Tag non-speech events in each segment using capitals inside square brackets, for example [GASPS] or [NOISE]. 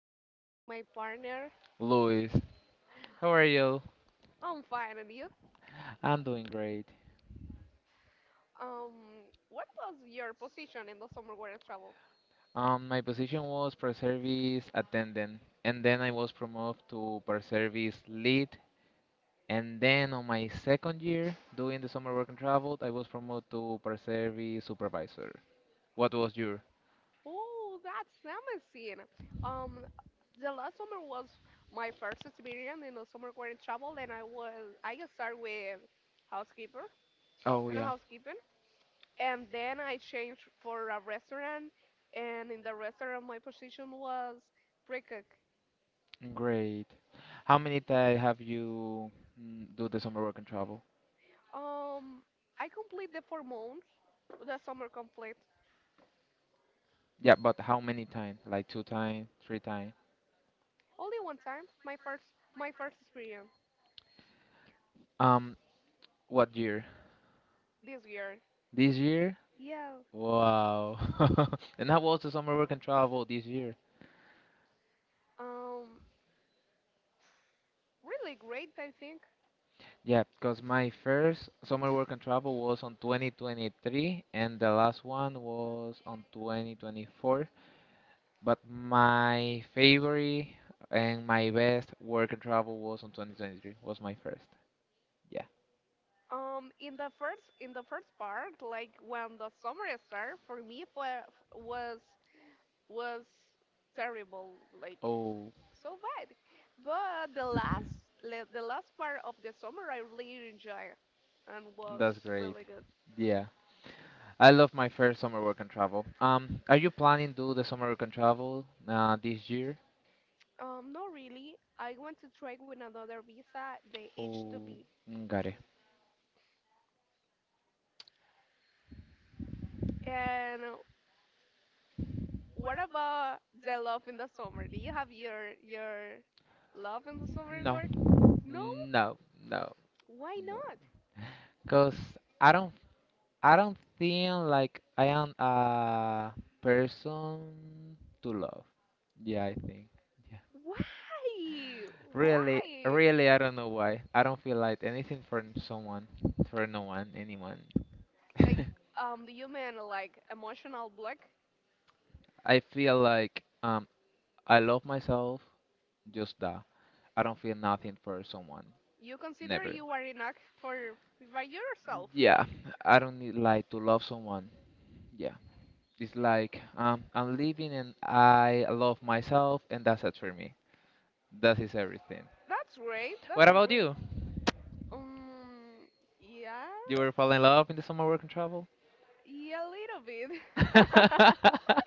and I'm here with my partner. Luis. How are you? I'm fine, and you? I'm doing great. What was your position in the summer wedding travel? My position was per service attendant, and then I was promoted to per service lead. And then on my second year, doing the summer work and travel, I was promoted to per service supervisor. What was your? Oh, that's amazing. Um, the last summer was my first experience in the summer wedding travel, and I started with housekeeper Oh and yeah, housekeeping, and then I changed for a restaurant, and in the restaurant my position was pre-cook. great. How many times have you do the summer work and travel? Um, I complete the 4 months, the summer complete. Yeah, but how many times? Like two times, three times? Only one time, my first experience Um, what year? this year. This year. Yeah. Wow. [LAUGHS] And how was the summer work and travel this year? Um, Really great, I think. Yeah, because my first summer work and travel was on 2023, and the last one was on 2024. But my favorite and my best work and travel was on 2023, was my first. Yeah. In the first part, like when the summer started, was was terrible, like Oh, so bad. But the last part of the summer, I really enjoyed and was that's great. really good. Yeah. I love my first summer work and travel. Are you planning to do the summer work and travel this year? Not really. I want to try with another visa, the Oh, H-2B. mm, got it. And what about the love in the summer? Do you have your love in the summer No. work? No, No? no, no. Why not? Cause I don't, I don't think like I am a person to love. Yeah, I think. Yeah. Why? Really, Why? really, I don't know why. I don't feel like anything for someone, for no one, anyone. Like, [LAUGHS] do you mean like emotional block? I feel like I love myself. Just that. I don't feel nothing for someone. You consider Never. you are enough for by yourself, Yeah, like I don't need like to love someone. Yeah. It's like I'm living and I love myself, and that's it for me. That is everything. that's great, What that's about great. you? Um, yeah, You were falling in love in the summer work and travel? yeah, a little [LAUGHS] bit. [LAUGHS] How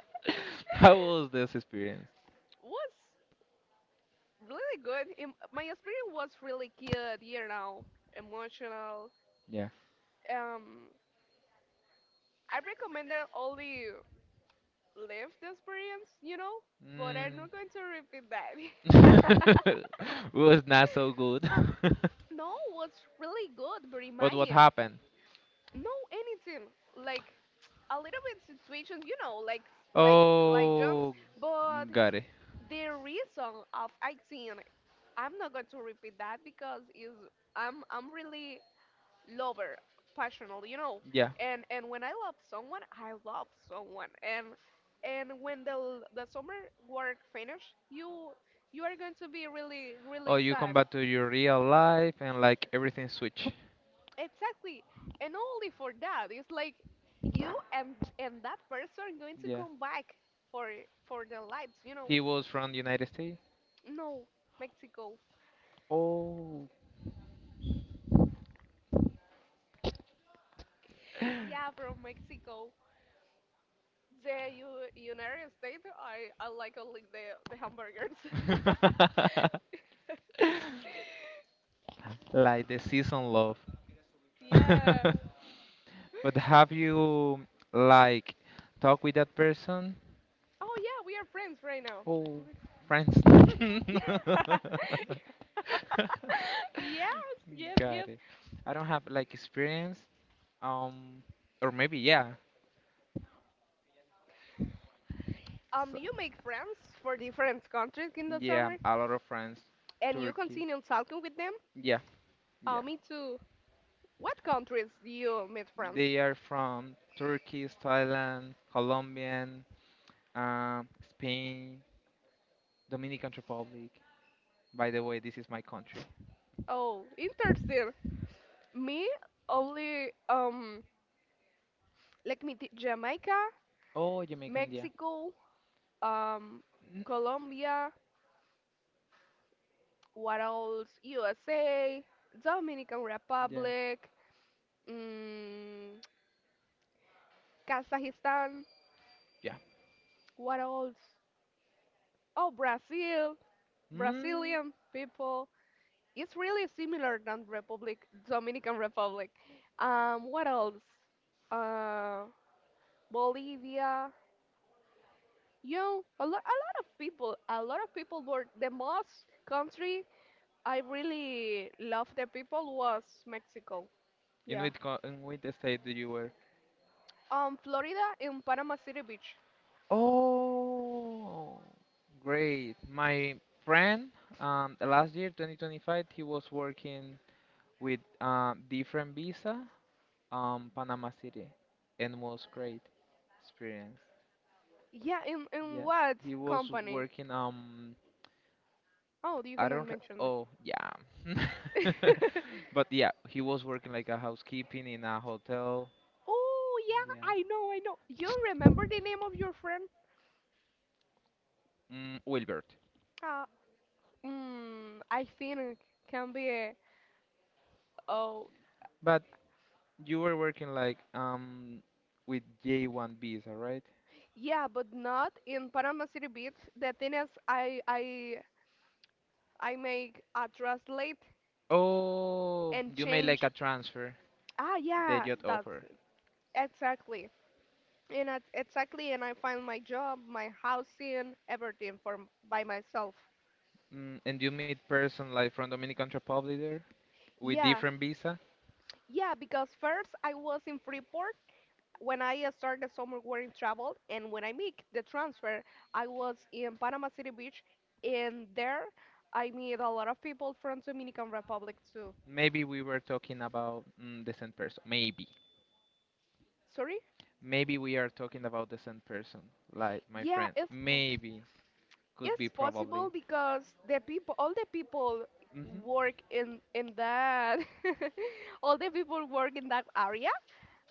was this experience? Was really good. My experience was really good, you know, emotional. Yeah. Um, I recommend that only live the experience, you know, but I'm not going to repeat that. [LAUGHS] Mm. [LAUGHS] Was not so good. [LAUGHS] No, was really good, but But what imagine happened? no anything like a little bit situations, you know, like jumps, Oh, but got it. the reason of acting, I'm not going to repeat that because is I'm really lover, passionate, you know. Yeah. And when I love someone, and when the summer work finish, you are going to be really Oh, really you come sad. back to your real life and like everything switch. Exactly, and not only for that, it's like you and that person are going to Yeah. come back for for their lives, you know. He was from the United States. No, Mexico. Oh. Yeah, from Mexico. The U United States, I like only the hamburgers. [LAUGHS] [LAUGHS] Like the season love. [LAUGHS] Yeah. But have you like talked with that person? Oh yeah, we are friends right now. Oh, [LAUGHS] friends. [LAUGHS] Yeah, [LAUGHS] yes, Got yes. it. I don't have like experience. Um, or maybe yeah. So Do you make friends for different countries in the yeah, summer, a lot of friends. and you Turkey. continue talking with them? Yeah. Yeah, Me too. What countries do you meet friends? they are from Turkey, Thailand, Colombian, Spain, Dominican Republic. By the way, this is my country. Oh, interesting. Me only Like Jamaica, Oh, Jamaican, yeah. Mexico, um Mm, Colombia, what else? USA, Dominican yeah, Republic, mm, Kazakhstan. yeah. What else? Oh, Brazil. Mm. Brazilian people. It's really similar than Republic Dominican Republic. What else? Uh, Bolivia. You know, a lot of people, a lot of people were the most country I really loved the people was Mexico. Yeah. In which state do you were? Florida in Panama City Beach. Oh, great. My friend, last year, 2025, he was working with different visa, Panama City, and was great experience. Yeah, in Yeah, what he was company? working. Oh, you I cannot don't. Re- mention Oh, yeah. the. [LAUGHS] [LAUGHS] But yeah, he was working like a housekeeping in a hotel. Oh yeah, Yeah. I know, You remember the name of your friend? Mm, Wilbert. Uh, I think it can be. Oh But you were working like with J1 visa, right? yeah, but not in Panama City Beach. The thing is, I make a translate Oh, and you made like change. a transfer. Ah They yeah, just that's offer. it. Exactly. Exactly, and I find my job, my housing, by myself. Mm, and you meet person like from Dominican Republic there with Yeah, different visa. yeah, because first I was in Freeport when I started summer working travel, and when I make the transfer, I was in Panama City Beach, and there I meet a lot of people from Dominican Republic too. Maybe we were talking about the same person. Maybe. Sorry? Maybe we are talking about the same person, like my Yeah, friend. it's po- Maybe, could it's be, possible probably. because all the people Hmm. work in that, [LAUGHS] all the people work in that area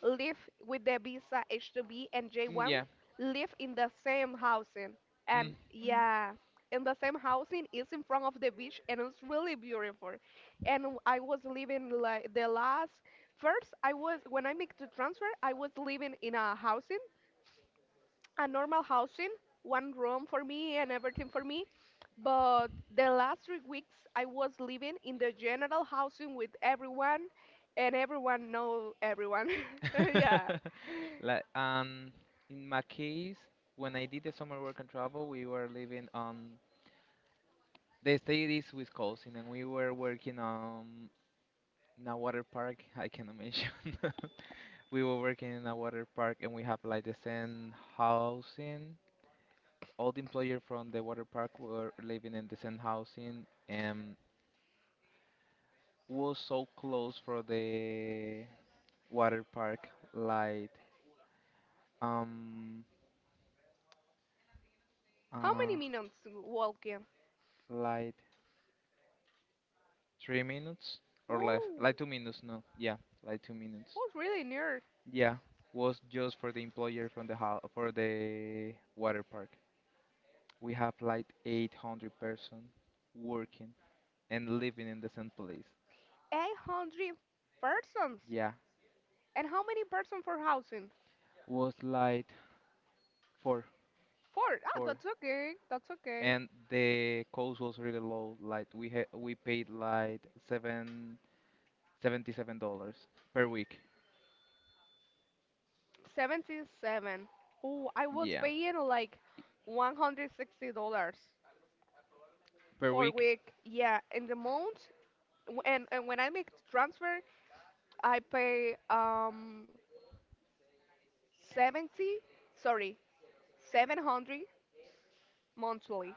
live with the visa H-2B and J-1, Yeah. live in the same housing. And Mm. yeah, in the same housing is in front of the beach and it's really beautiful. And I was living like the last first I was when I make the transfer, I was living in a housing, a normal housing, one room for me and everything for me. But the last 3 weeks I was living in the general housing with everyone and everyone know everyone. [LAUGHS] Yeah. [LAUGHS] Like in my case, when I did the summer work and travel, we were living on the state is Wisconsin, and we were working on in a water park. [LAUGHS] I can imagine. [LAUGHS] We were working in a water park, and we have like the same housing. All the employees from the water park were living in the same housing and was so close for the water park like um How many uh minutes walking? like 3 minutes or less Oh, like 2 minutes, no, yeah, like 2 minutes, was really near. yeah. Was just for the employer from the house for the water park. We have like 800-person working and living in the same place. 800 persons. Yeah. And how many persons for housing? Was like four, Four. Ah, four, that's okay. That's okay. and the cost was really low. Like we paid like seven, $77 per week. 77. Oh, I was Yeah, paying like $160 per for week. week. Yeah, in the month. And when I make the transfer, I pay 70, sorry, 700 monthly.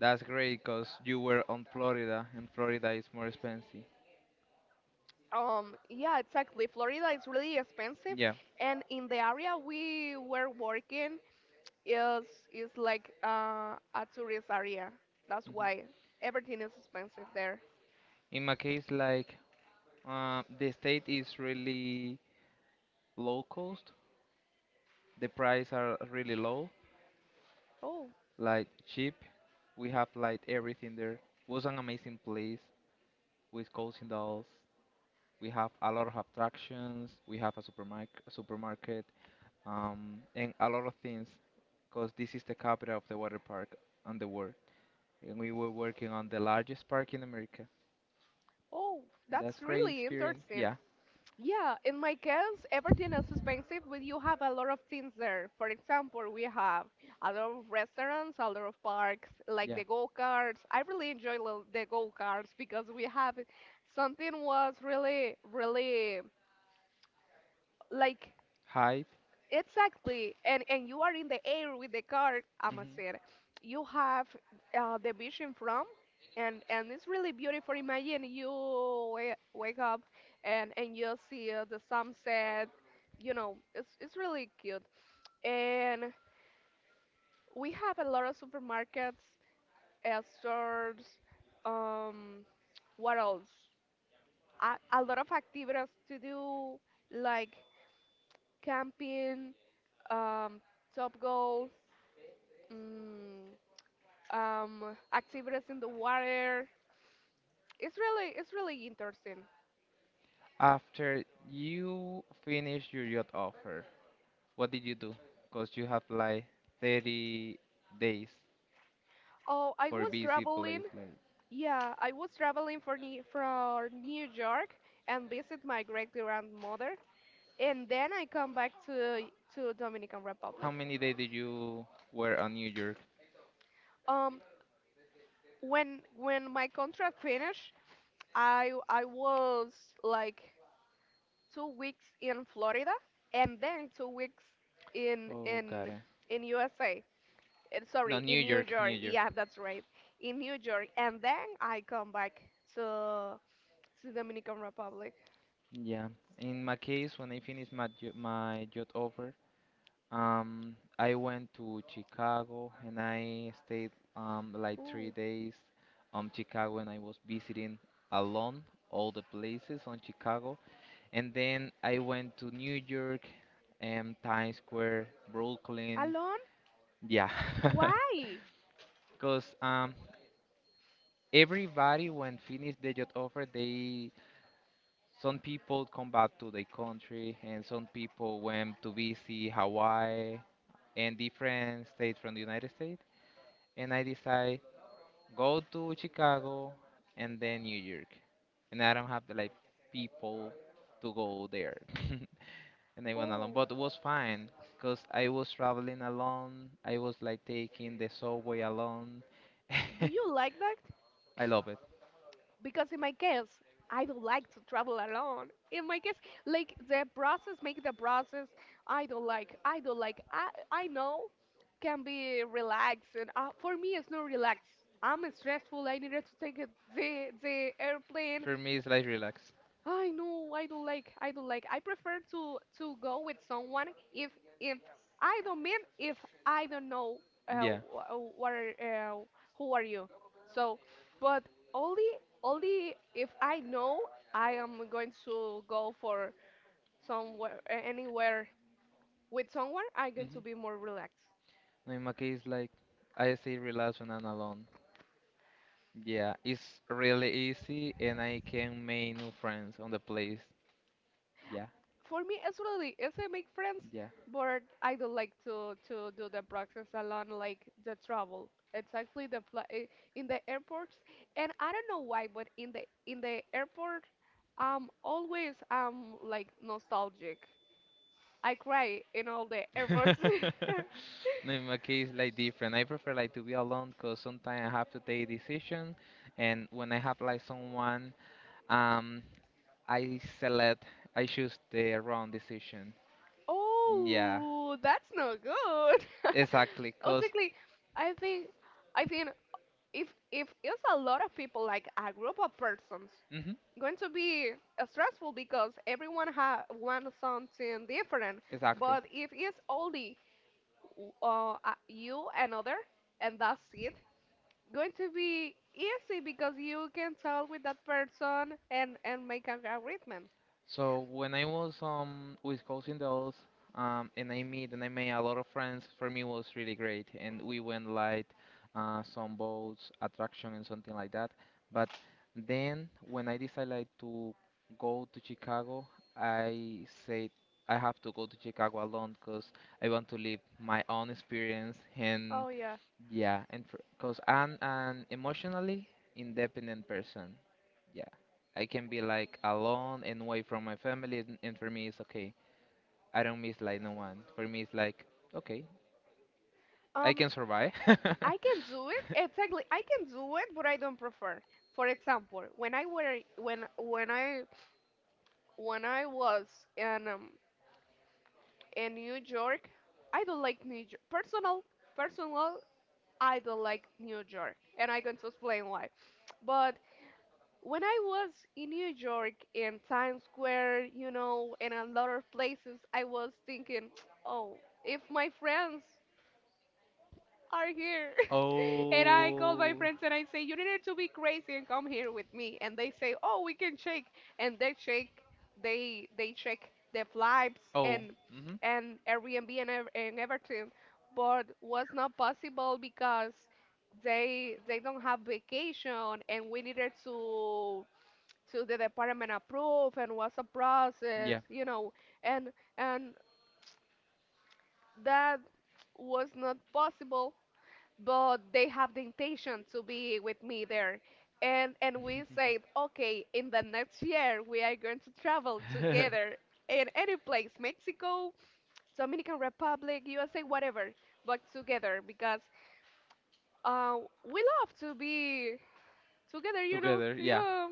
That's great because you were on Florida, and Florida is more expensive. Yeah, exactly. Florida is really expensive, Yeah. and in the area we were working is is like a tourist area. That's Mhm. why everything is expensive there. In my case, like the state is really low cost. The price are really low, Oh, like cheap. We have like everything there. Was an amazing place with coaching dolls. We have a lot of attractions. We have a supermarket, and a lot of things, because this is the capital of the water park on the world. And we were working on the largest park in America. oh, that's That's great really experience. interesting. Yeah, Yeah, in my case, everything is expensive, but you have a lot of things there. For example, we have a lot of restaurants, a lot of parks, like yeah. the go-karts. I really the go-karts because we have something was really like Height. exactly, and you are in the air with the car, Mhm. Amazon. You have the vision from, and it's really beautiful. Imagine you wake up and you see the sunset. You know, it's really cute. And we have a lot of supermarkets, stores. Um, what else? A lot of activities to do, like camping, um, top mm, activities in the water. It's really interesting. After you finish your yacht offer, what did you do? Because you have like 30 days Oh, I for was busy traveling. place. Like, Yeah, I was traveling for New York and visit my great grandmother, and then I come back to Dominican how Republic. many days did you were on New York? Um, when my contract finished, I was like 2 weeks in Florida and then 2 weeks in Oh, in got it. in USA. Sorry, No, in New New York, York. New York. Yeah, that's right. In New York, and then I come back to to Dominican Republic. Yeah. In my case, when I finished my my job offer, I went to Chicago and I stayed like three Ooh, days Chicago and I was visiting alone all the places on Chicago, and then I went to New York and Times Square, Brooklyn. alone? Yeah. [LAUGHS] Why? Because everybody when finish the job offer they, some people come back to their country and some people went to visit Hawaii and different states from the United States, and I decide go to Chicago and then New York, and I don't have the like people to go there. [LAUGHS] And I went alone Oh, but it was fine because I was traveling alone, I was like taking the subway alone. [LAUGHS] do you like that? I love it. Because in my case, I don't like to travel alone. In my case, like the process, make the process. I don't like. I know can be relaxing. And for me, it's not relaxed. I'm stressful. I needed to take a, the airplane. For me, it's like relax. I know I don't like I prefer to go with someone if if I don't mean if I don't know uh, Yeah. wh- what are, uh, who are you so but only only if I know I am going to go for somewhere anywhere with someone I'm going Mm-hmm. to be more relaxed No, in my case, like I say, relax when I'm alone. Yeah, it's really easy, and I can make new friends on the place. Yeah, for me, absolutely, as I make friends, yeah. but I don't like to do the process alone, like the travel. Exactly in the airports, and I don't know why, but in the airport, I'm always like nostalgic. I cry in all the airports. [LAUGHS] [LAUGHS] No, in my case, like different. I prefer like to be alone, cause sometimes I have to take decision, and when I have like someone, um, I select, I choose the wrong decision. Yeah, Oh, that's not good. [LAUGHS] exactly. Because Honestly, I think I think if it's a lot of people, like a group of persons, going to be stressful because everyone wants something different. exactly. But if it's only you and other, and that's it, going to be easy because you can talk with that person and make an agreement. So when I was with Cousin Dolls, and I meet and I made a lot of friends, for me was really great. And we went like some boats, attraction and something like that. But then when I decided like, to go to Chicago, I said I have to go to Chicago alone because I want to live my own experience and Oh yeah. yeah, and because I'm an emotionally independent person. Yeah. I can be like alone and away from my family, and for me it's okay. I don't miss like no one. For me it's like okay, I Um, can survive. [LAUGHS] I can do it exactly. I can do it, but I don't prefer. For example, when I was in um, in New York, I don't like New York. Personal I don't like New York, and I'm going to explain why. But when I was in New York in Times Square, you know, and a lot of places, I was thinking, oh, if my friends are here. [LAUGHS] And I call Oh. my friends and I say, you needed to be crazy and come here with me. And they say, oh, we can shake. And they shake, they check the flights Oh. and Mhm. Airbnb and, and everything. But was not possible because they don't have vacation and we needed to the department approve and was a process, Yeah. you know, and and that was not possible but they have the intention to be with me there. And we said, okay, in the next year we are going to travel [LAUGHS] [LAUGHS] together in any place, Mexico, Dominican Republic, USA, whatever, but together because uh, we love to be together, you know. Together. Yeah. Yeah,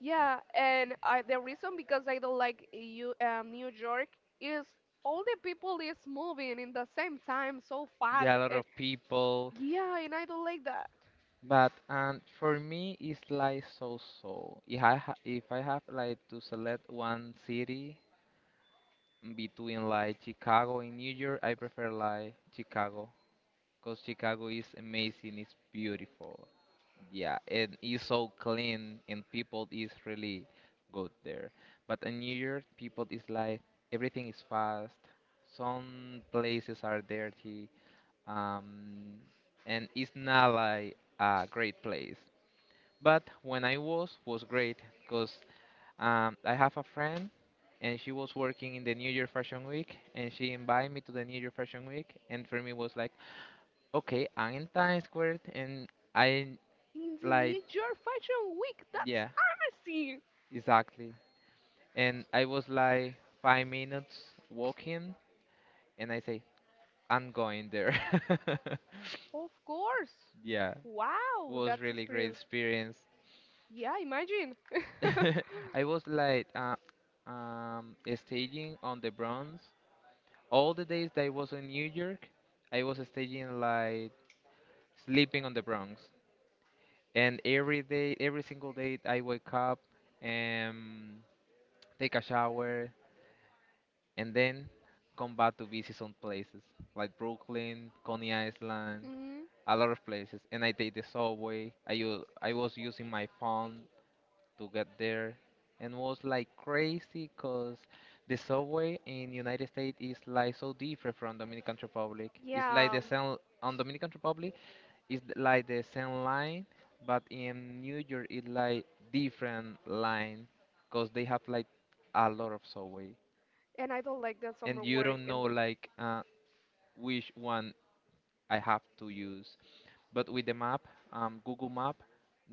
yeah. And I, the reason because I don't like you, New York is all the people is moving in the same time so fast. Yeah, a lot of people. Yeah, and I don't like that. But for me, it's like so-so. If I have like to select one city between like Chicago and New York, I prefer like Chicago, cause Chicago is amazing, it's beautiful, yeah, and it's so clean and people is really good there. But in New York, people is like everything is fast. Some places are dirty, um, and it's not like a great place. But when I was great because I have a friend and she was working in the New Year Fashion Week and she invited me to the New Year Fashion Week, and for me was like, okay, I'm in Times Square and I In the like, New York Fashion Week, that's yeah, amazing! exactly. And I was like 5 minutes walking and I say, I'm going there. [LAUGHS] Of course! Yeah, Wow, was that's really great experience. experience. Yeah, imagine. [LAUGHS] [LAUGHS] I was like um staging on the Bronx. All the days that I was in New York, I was staying like sleeping on the Bronx. And every day, every single day, I wake up and take a shower and then come back to visit some places like Brooklyn, Coney Island, Mm, a lot of places. And I take the subway. I was using my phone to get there, and was like crazy because the subway in United States is like so different from Dominican Republic. It's like yeah, the same on Dominican Republic, like the same line, but in New York it's like different line because they have like a lot of subway and I don't like that and summer you wear. don't And know like which one I have to use. But with the map, Google Map,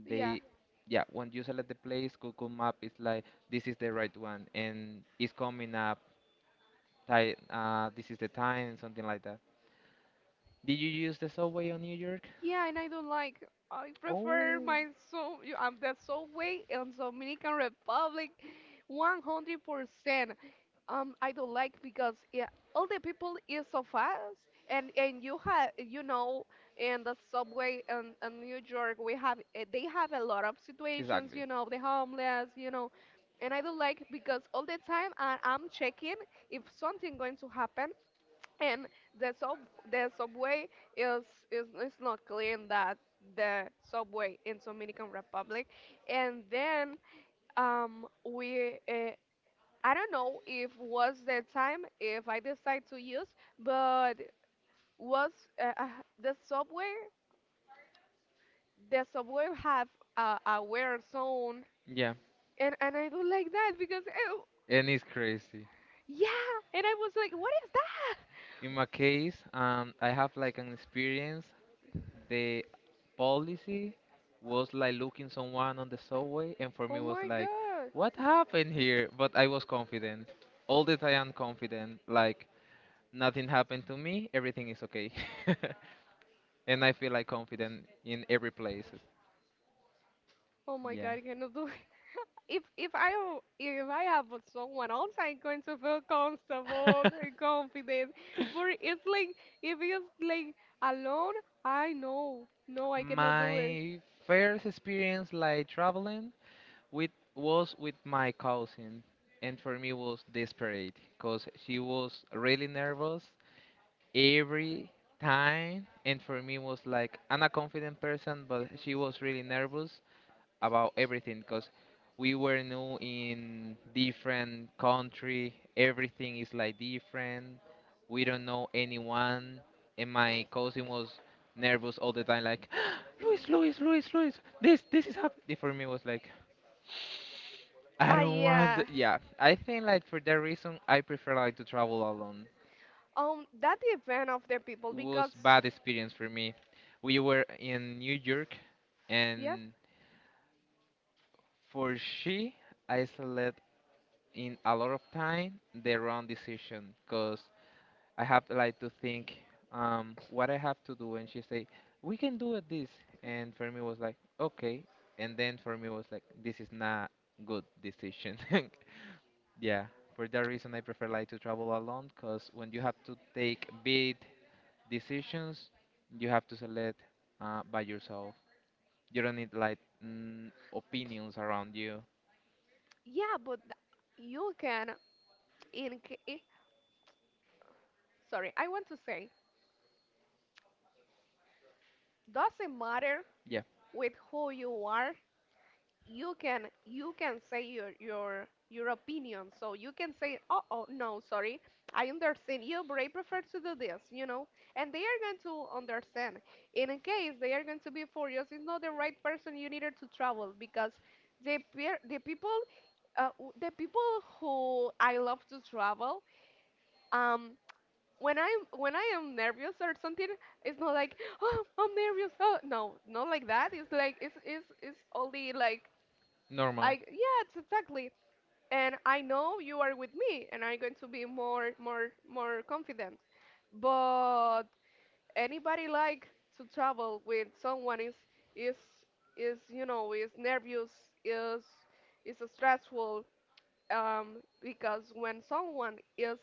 yeah, they, yeah, when you select the place, Google Map is like, this is the right one, and it's coming up, this is the time, and something like that. Did you use the subway on New York? yeah, and I don't like. I prefer Oh, the subway in Dominican Republic, 100%. I don't like because yeah, all the people is so fast, and you have in the subway in New York we have they have a lot of situations, exactly. The homeless, and I don't like because all the time I'm checking if something going to happen, and the sub the subway is is not clean that the subway in Dominican Republic. And then we I don't know if was the time if I decide to use, but was uh, uh, the subway the subway have a wear zone. Yeah, And I don't like that because oh and it's crazy. yeah, and I was like, what is In my case, I have like an experience, the policy was like looking someone on the subway, and for that? me Oh was my like, god. what happened here? But I was confident. All the time confident. Like nothing happened to me. Everything is okay. [LAUGHS] And I feel like confident in every place. Oh my Yeah. god, I cannot do it. If I don't- if I have with someone else, I'm going to feel comfortable [LAUGHS] and confident. But it's like, if it's like alone, I know. No, I cannot do it. My first experience like traveling with was with my cousin, and for me was desperate because she was really nervous every time. And for me was like, I'm a confident person, but she was really nervous about everything because we were new in different country, everything is like different, we don't know anyone. And my cousin was nervous all the time, like [GASPS] Luis, Luis, Luis, Luis, this is happening. For me was like, I Ah, don't want yeah. Yeah, I think like for that reason I prefer like to travel alone. That depends of the people Was because bad experience for me. We were in New York, yeah, and for she, I select in a lot of time the wrong decision because I have like to think what I have to do, and she say we can do it this, and for me was like okay, and then for me was like this is not good decision. [LAUGHS] Yeah, for that reason I prefer like to travel alone, because when you have to take big decisions, you have to select by yourself. You don't need like opinions around you. yeah, you can in ca- eh, sorry, I want to say, doesn't matter Yeah, with who you are, you can say your opinion, so you can say, oh, oh no, sorry, I understand you, but I prefer to do this, you know, and they are going to understand. And in case they are going to be furious, it's not the right person you needed to travel, because the people the people who I love to travel, um when I'm when I am nervous or something, it's not like, oh I'm nervous. Oh no, not like that. It's like it's only like, normal. I, yes, exactly. And I know you are with me, and I'm going to be more more confident. But anybody like to travel with someone is is, you know, is nervous, is is stressful, because when someone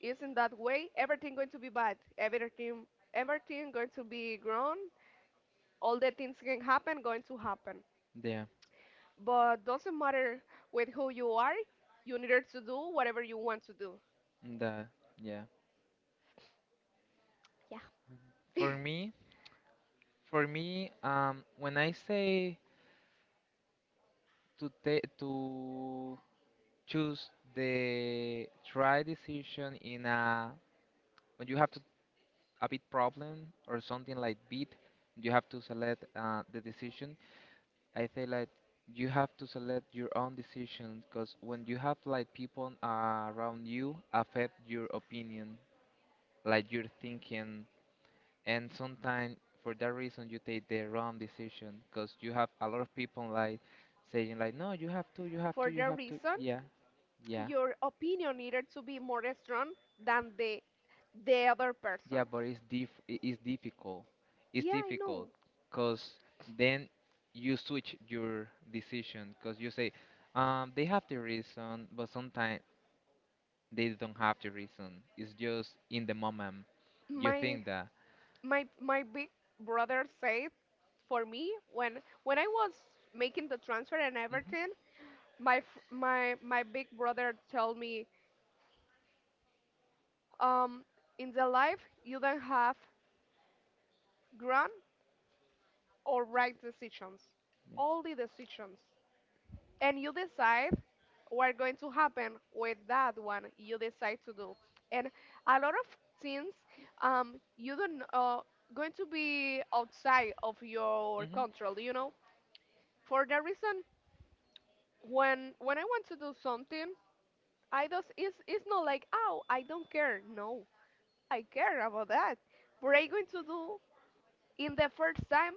is in that way, everything going to be bad. Everything, everything going to be wrong. All the things can happen going to happen. Yeah, But doesn't matter with who you are, you needed to do whatever you want to do. the yeah. For [LAUGHS] me, for me, when I say to take to choose the try decision in a when you have to a bit problem or something like bit, you have to select the decision. I feel like you have to select your own decision, because when you have like people around you affect your opinion, like your thinking, and sometimes for that reason you take the wrong decision, because you have a lot of people like saying like, no, you have to, you have For to, you that have to, reason, yeah, yeah. your opinion needed to be more strong than the other Yeah, person. but it's it's difficult. It's Yeah, I difficult know. because then you switch your decision, because you say, they have the reason, but sometimes they don't have the reason. It's just in the moment you My think that. my big brother said for me, when I was making the transfer and Mhm. everything, my f- my big brother told me, um, in the life you don't have grand or right decisions, Yeah. only decisions. And you decide what going to happen with that one you decide to do. And a lot of things, you don't, going to be outside of your Mhm. control, you know. For that reason, when I want to do something, I just, it's not like, oh I don't care, no, I care about that, what I going to do. In the first time,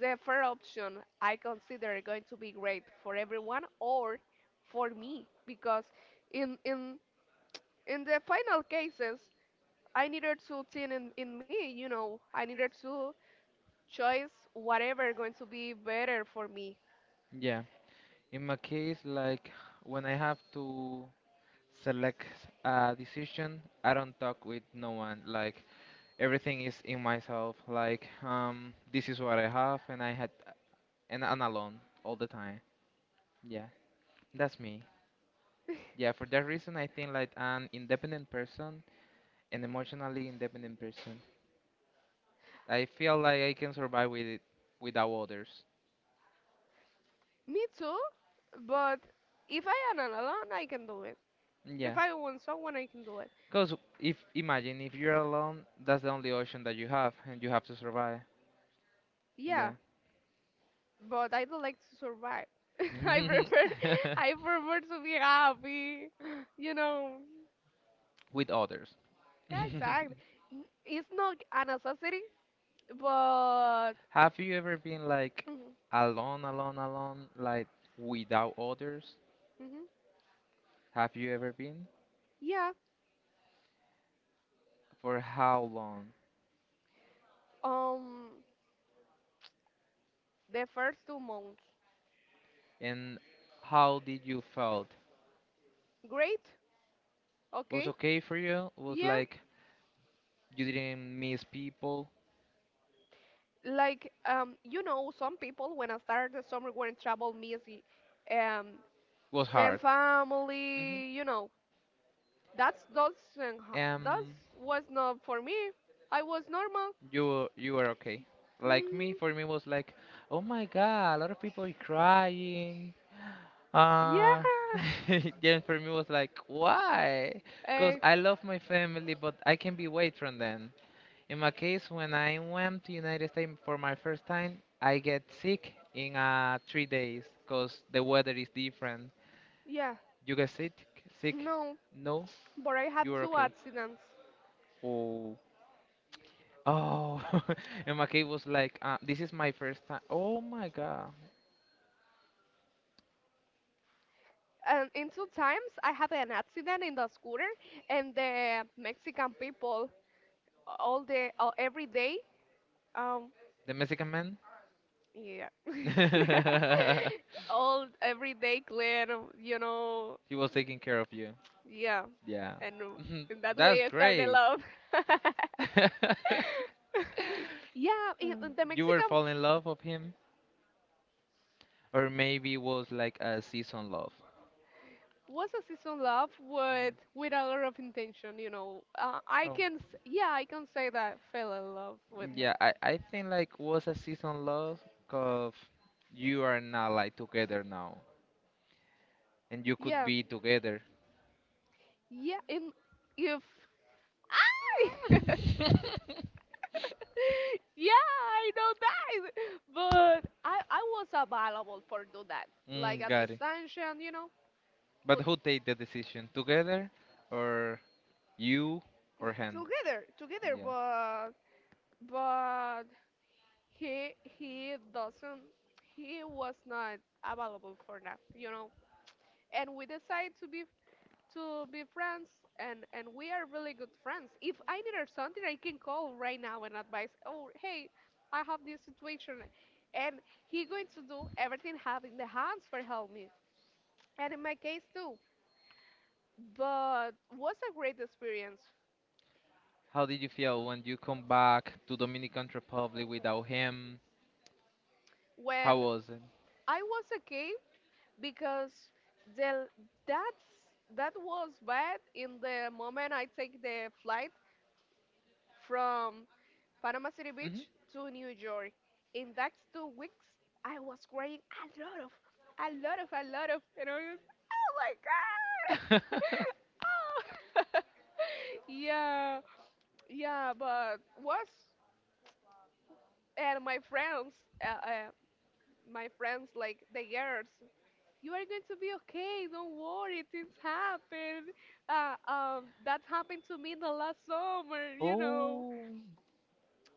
the third option I consider going to be great for everyone, or for me, because in in in the final cases I needed to think in me, you know, I needed to choose whatever going to be better for me. Yeah. In my case, like when I have to select a decision, I don't talk with no one. Like everything is in myself. Like this is what I have, and I had and I'm alone all the time. Yeah, that's me. Yeah, for that reason, I think like an independent person, an emotionally independent person. I feel like I can survive with it without others. Me too, but if I am alone I can do it. Yeah. If I want someone I can do it. Because if imagine if you're alone, that's the only option that you have, and you have to survive. Yeah, Yeah. but I don't like to survive. [LAUGHS] I prefer, I prefer to be happy, [LAUGHS] you know. With others. [LAUGHS] Yeah, exactly. It's not a necessity, but Have you ever been like mhm, alone, alone, alone, like without others? mhm, Have you ever been? yeah. For how long? Um, the first 2 months. And how did you felt? Great. Was Okay, okay for you? Was yeah. like you didn't miss people? Like you know, some people when I started the summer were in trouble, messy, um, Was then hard. Hmm. family. You know, that's doesn't ha- that Um, was not for me. I was normal. You were okay. Like me, Mm, for me was like, oh my god, a lot of people crying. Uh, yeah. [LAUGHS] [LAUGHS] then for me was like, why? Because Uh, I love my family, but I can be away from them. In my case, when I went to United States for my first time, I get sick in 3 days because the weather is different. yeah. You get sick? Sick? No, No, but I you have are two okay. accidents. Oh, oh. [LAUGHS] And my case was like, this is my first time. Oh my God, And in two times, I had an accident in the scooter, and the Mexican people all day, all, every day, um, the Mexican man. yeah, [LAUGHS] yeah, [LAUGHS] all every day clean, you know, He was taking care of you. yeah, Yeah, and mhm, in that that's way I started great. love. [LAUGHS] [LAUGHS] Yeah, the You were Mexican falling in love of him, or maybe it was like a season love. was a season love Mm, with a lot of intention, you know. Oh, Yeah, I can say that I fell in love with him. yeah, I think like was a season loss because you are not like together now and you could Yeah. be together. [LAUGHS] Yeah, in, if I, [LAUGHS] yeah, I know that. But I was available for do that. Like Mm, at got it. distance, you know. But But who take the decision? Together or you or him? together, together, Yeah. but but he doesn't, he was not available for that, you know. And we decided to be, to be friends, and we are really good friends. If I needed something, I can call right now and advise, oh hey, I have this situation, and he going to do everything having the hands for help me, and in my case too. But was a great experience. How did you feel when you come back to Dominican Republic without him? When How was it? I was okay because the that's that was bad in the moment I take the flight from Panama City Hmm. Beach to New York. In that 2 weeks, I was crying a lot of, a lot of, a lot of, and I was like, [LAUGHS] oh my god, [LAUGHS] oh. [LAUGHS] Yeah, yeah, but was, and uh, uh, my friends like the girls, you are going to be okay. Don't worry, things happen. That happened to me the last summer, you know. Oh,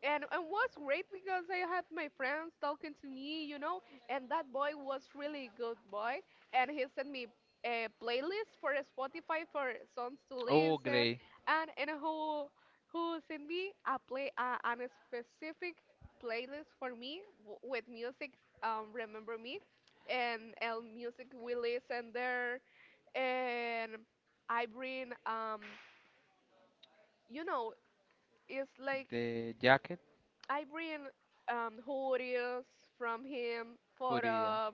And was great because I had my friends talking to me, you know, and that boy was really good boy, and he sent me a playlist for Spotify for songs to oh, listen, great. and who sent me a play an specific playlist for me with music, remember me, and music we listen there, and I bring you know, it's like. The jacket, I bring hoodies from him, but yeah, photos.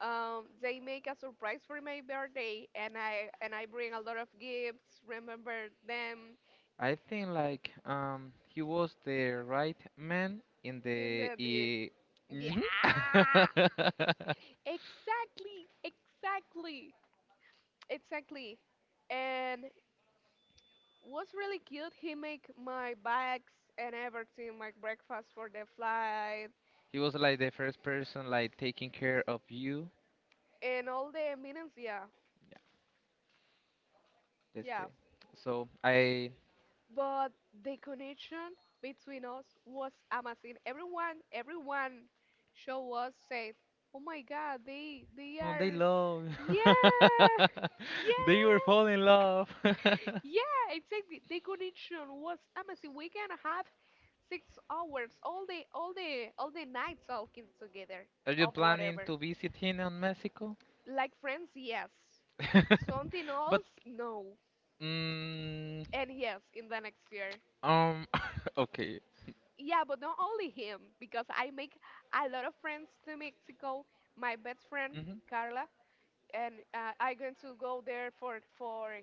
They make a surprise for my birthday, and I bring a lot of gifts. Remember them I think like he was the right man in in the the day. he, Yeah, mhm. [LAUGHS] exactly, exactly, exactly. And was really cute. He make my bags and everything, my breakfast for the flight, He was like the first person like taking care of you. and all the amenities. Yeah, Yeah, that's yeah. great. So I But the connection between us was amazing. Everyone, everyone show us said, "Oh my God, they oh they are, love yeah, [LAUGHS] they were yeah, falling in love. [LAUGHS] yeah." Exactly, the connection was amazing. We can have 6 hours all the night talking together Are you of planning whatever. to visit him in Mexico? Like friends, yes. [LAUGHS] Something else, But no. mm, And yes, in the next year. um [LAUGHS] okay. Yeah, but not only him, because I make a lot of friends to Mexico. My best friend Hmm. Carla, and I going to go there for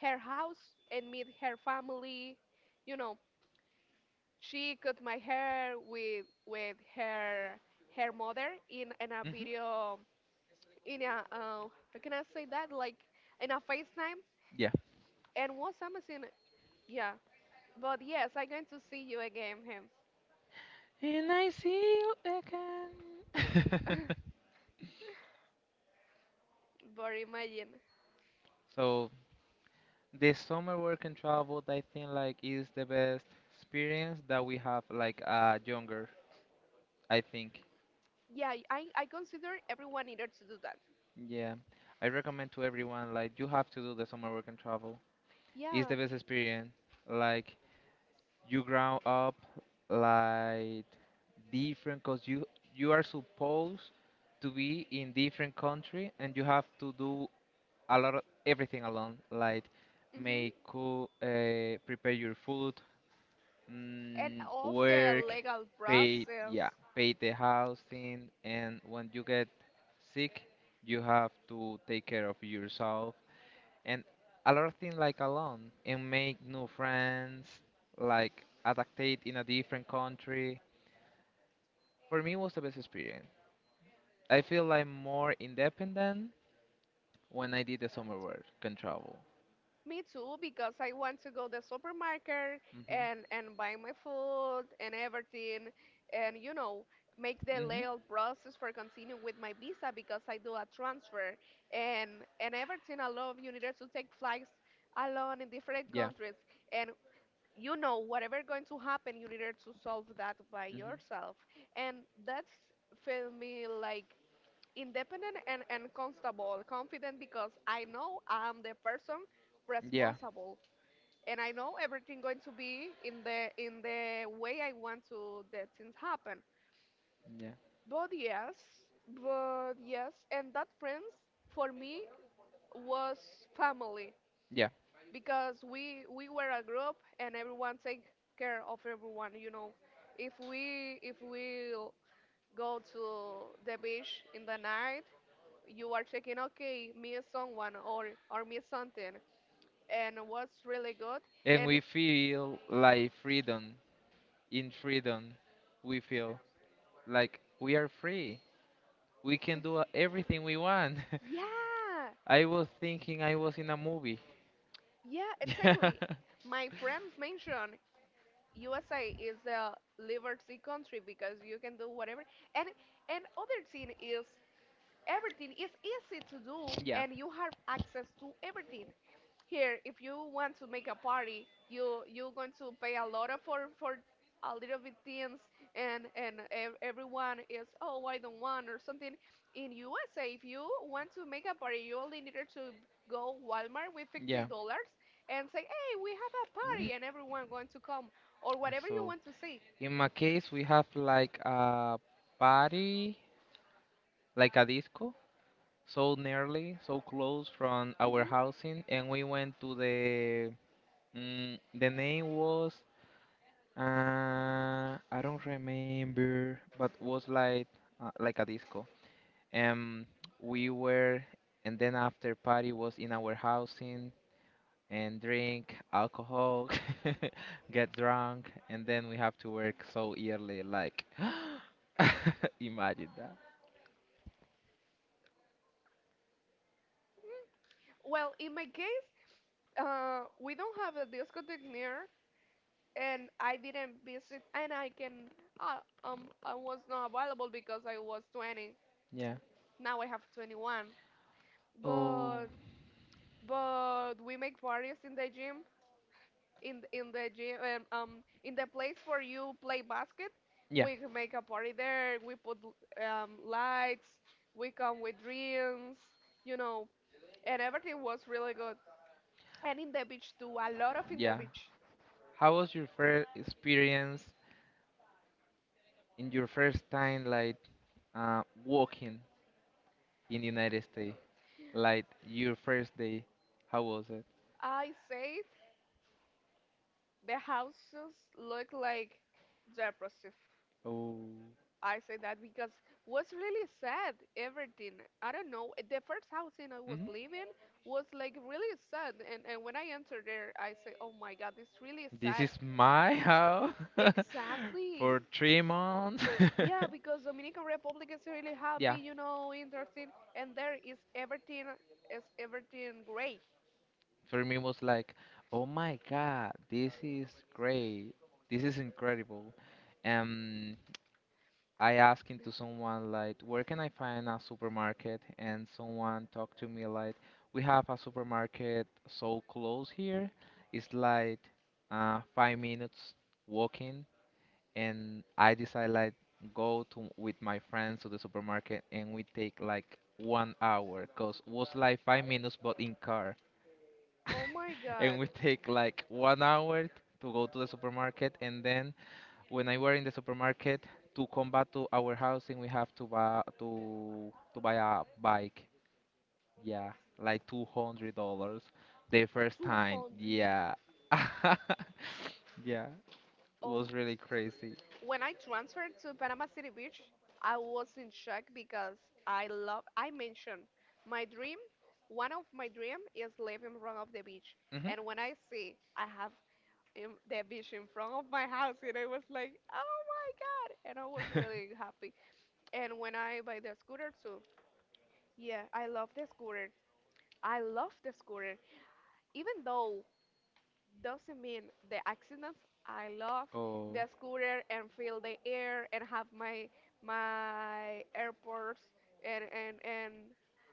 her house and meet her family. You know, she cut my hair with her mother in a Hmm. video in a how can I say that, like in a FaceTime, Yeah. and was amazing. Yeah, but yes, I'm going to see you again, him. And I see you again. Mm. [LAUGHS] [LAUGHS] But imagine. So the summer work and travel, I think like is the best experience that we have like younger, I think. Yeah, I consider everyone needed to do that. Yeah. I recommend to everyone, like you have to do the summer work and travel. It's Yeah. the best experience. Like you ground up like different, because you are supposed to be in different country and you have to do a lot of everything alone, like Hmm. make cook prepare your food, And of the work, legal pay, process. yeah, pay the housing, and when you get sick you have to take care of yourself, and a lot of things like alone, and make new friends, like adaptate in a different country. For me, it was the best experience. I feel like more independent when I did the summer work, can travel. Me too, because I want to go to the supermarket Hmm. And buy my food and everything, and, you know, make the Hmm. legal process for continuing with my visa because I do a transfer and everything alone. You needed to take flights alone in different Yeah. countries. And you know whatever going to happen you needed to solve that by Hmm. yourself, and that's feel me like independent and constable confident, because I know I'm the person Yeah. responsible, and I know everything going to be in the way I want to that things happen. Yeah. But yes, but yes, and that friends for me was family, Yeah. because we were a group and everyone take care of everyone, you know. If we, if we go to the beach in the night, you are checking, okay, miss someone, or miss something, and what's really good. And And we feel like freedom in freedom we feel like we are free, we can do everything we want. yeah, [LAUGHS] I was thinking I was in a movie. yeah, [LAUGHS] Yeah, exactly. My friends mentioned USA is the liberty country because you can do whatever. And other thing is everything is easy to do yeah. and you have access to everything. Here if you want to make a party you're going to pay a lot of for a little bit things, and everyone is, oh I don't want or something. In usa if you want to make a party you only needed to go walmart with Yeah. $50 and say hey we have a party and [CLEARS THROAT] everyone going to come, or whatever you So want to see. in my case we have like a party like a disco so nearly so close from our Hmm. housing, and we went to the the name was I don't remember, but was like a disco. Um, we were, and then after party was in our housing and drink alcohol, [LAUGHS] get drunk, and then we have to work so early. Like, [GASPS] imagine that. Well, in my case, we don't have a discotheque near, and I didn't visit, and I can, I was not available because I was 20. Yeah. Now I have 21. Oh, But but we make parties in the gym, in the gym, in the place where you play basket. yeah, We can make a party there. We put lights. We come with drinks, you know, and everything was really good. And in the beach too, a lot of in the yeah. beach. How was your first experience in your first time like walking in the United States, like your first day, how was it? I saved. The houses look like depressive. Oh, I say that because was really sad everything. I don't know. The first housing I was hmm living was like really sad, and when I entered there I say, oh my god, this really this sad. is my house [LAUGHS] Exactly. for 3 months. Yeah, because Dominican Republic is really [LAUGHS] happy, Yeah, you know, interesting, and there is everything, is everything gray. for me was like, oh my god, this is great, this is incredible. Um, I asked into someone like, where can I find a supermarket? And someone talked to me like, we have a supermarket so close here. It's like 5 minutes walking. And I decide like go to with my friends to the supermarket, and we take like 1 hour, cause was like 5 minutes but in car, Oh my [LAUGHS] and god. we take like 1 hour to go to the supermarket, and then when I were in the supermarket to come back to our housing, we have to buy a bike. Yeah, like $200 the first Two time. hundred. Yeah, [LAUGHS] yeah, it Oh. was really crazy. When I transferred to Panama City Beach, I was in shock because I love, I mentioned my dream, one of my dream is live in front of the beach. And Hmm. when I see I have in, the beach in front of my house, and I was like, oh my God. And I was really [LAUGHS] happy. And when I buy the scooter too, yeah, I love the scooter. I love the scooter. Even though doesn't mean the accidents. I love Oh, the scooter and feel the air and have my AirPods, and and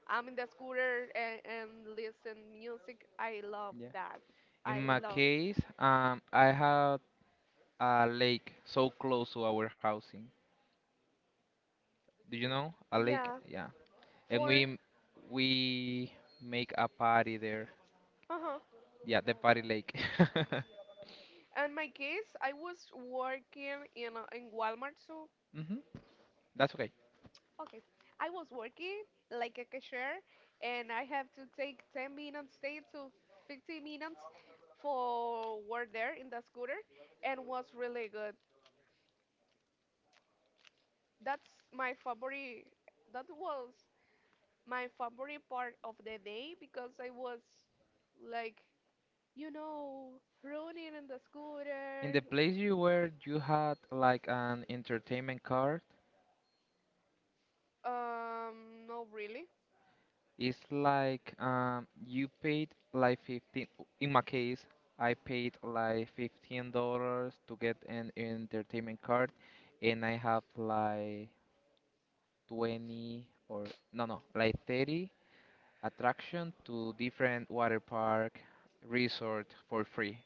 I'm in the scooter, and listen music. I love yeah. that. I In my love. case, I had a lake so close to our housing. Do you know a lake? Yeah, Yeah, and for we make a party there. uh-huh. Yeah, the party lake. [LAUGHS] In my case, I was working in in Walmart, so Mhm. That's okay. okay. I was working like a cashier, and I have to take 10 minutes, 10 to 15 minutes for work there in the scooter, and was really good. That's my favorite, that was my favorite part of the day because I was like, you know, running in the scooter. In the place you were, you had like an entertainment card. No, really. It's like you paid like 15. In my case, I paid like $15 to get an entertainment card, and I have like 20 or no, no, like 30 attraction to different water park resort for free.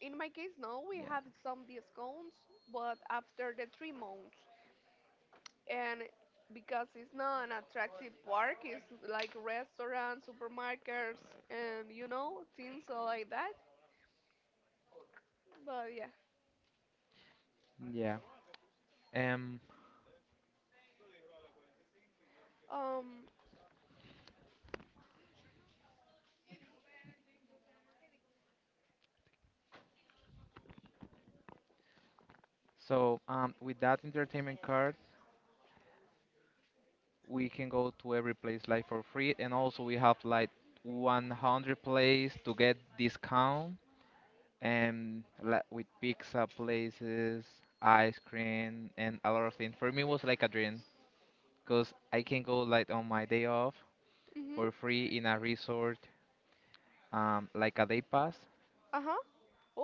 In my case, no, we Yeah, have some discounts, but after the 3 months. And because it's not an attractive park, it's like restaurants, supermarkets, and you know, things like that. But yeah. yeah. Um, Um, so with that entertainment card, we can go to every place like for free, and also we have like 100 place to get discount, and like with pizza places, ice cream, and a lot of things. For me it was like a dream, because I can go like on my day off for mm-hmm. free in a resort, like a day pass. Uh-huh.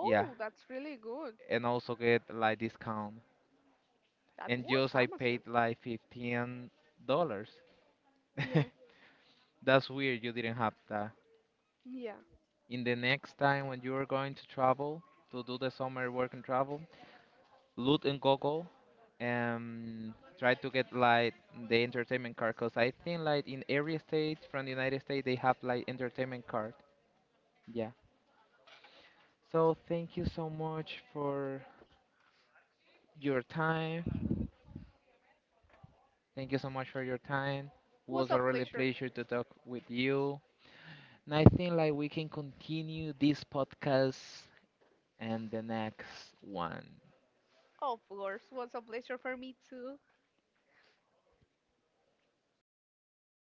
Yeah, that's really good. and also get like discount, That and was just I amazing. paid like 15 dollars. [LAUGHS] Yeah. That's weird you didn't have that. Yeah. In the next time when you are going to travel to do the summer work and travel, loot and Google and try to get like the entertainment card, because I think like in every state from the United States they have like entertainment card. Yeah. So thank you so much for your time. Thank you so much for your time. Was Was a a really pleasure. pleasure to talk with you. And I think like we can continue this podcast and the next one. Of course, was a pleasure for me too.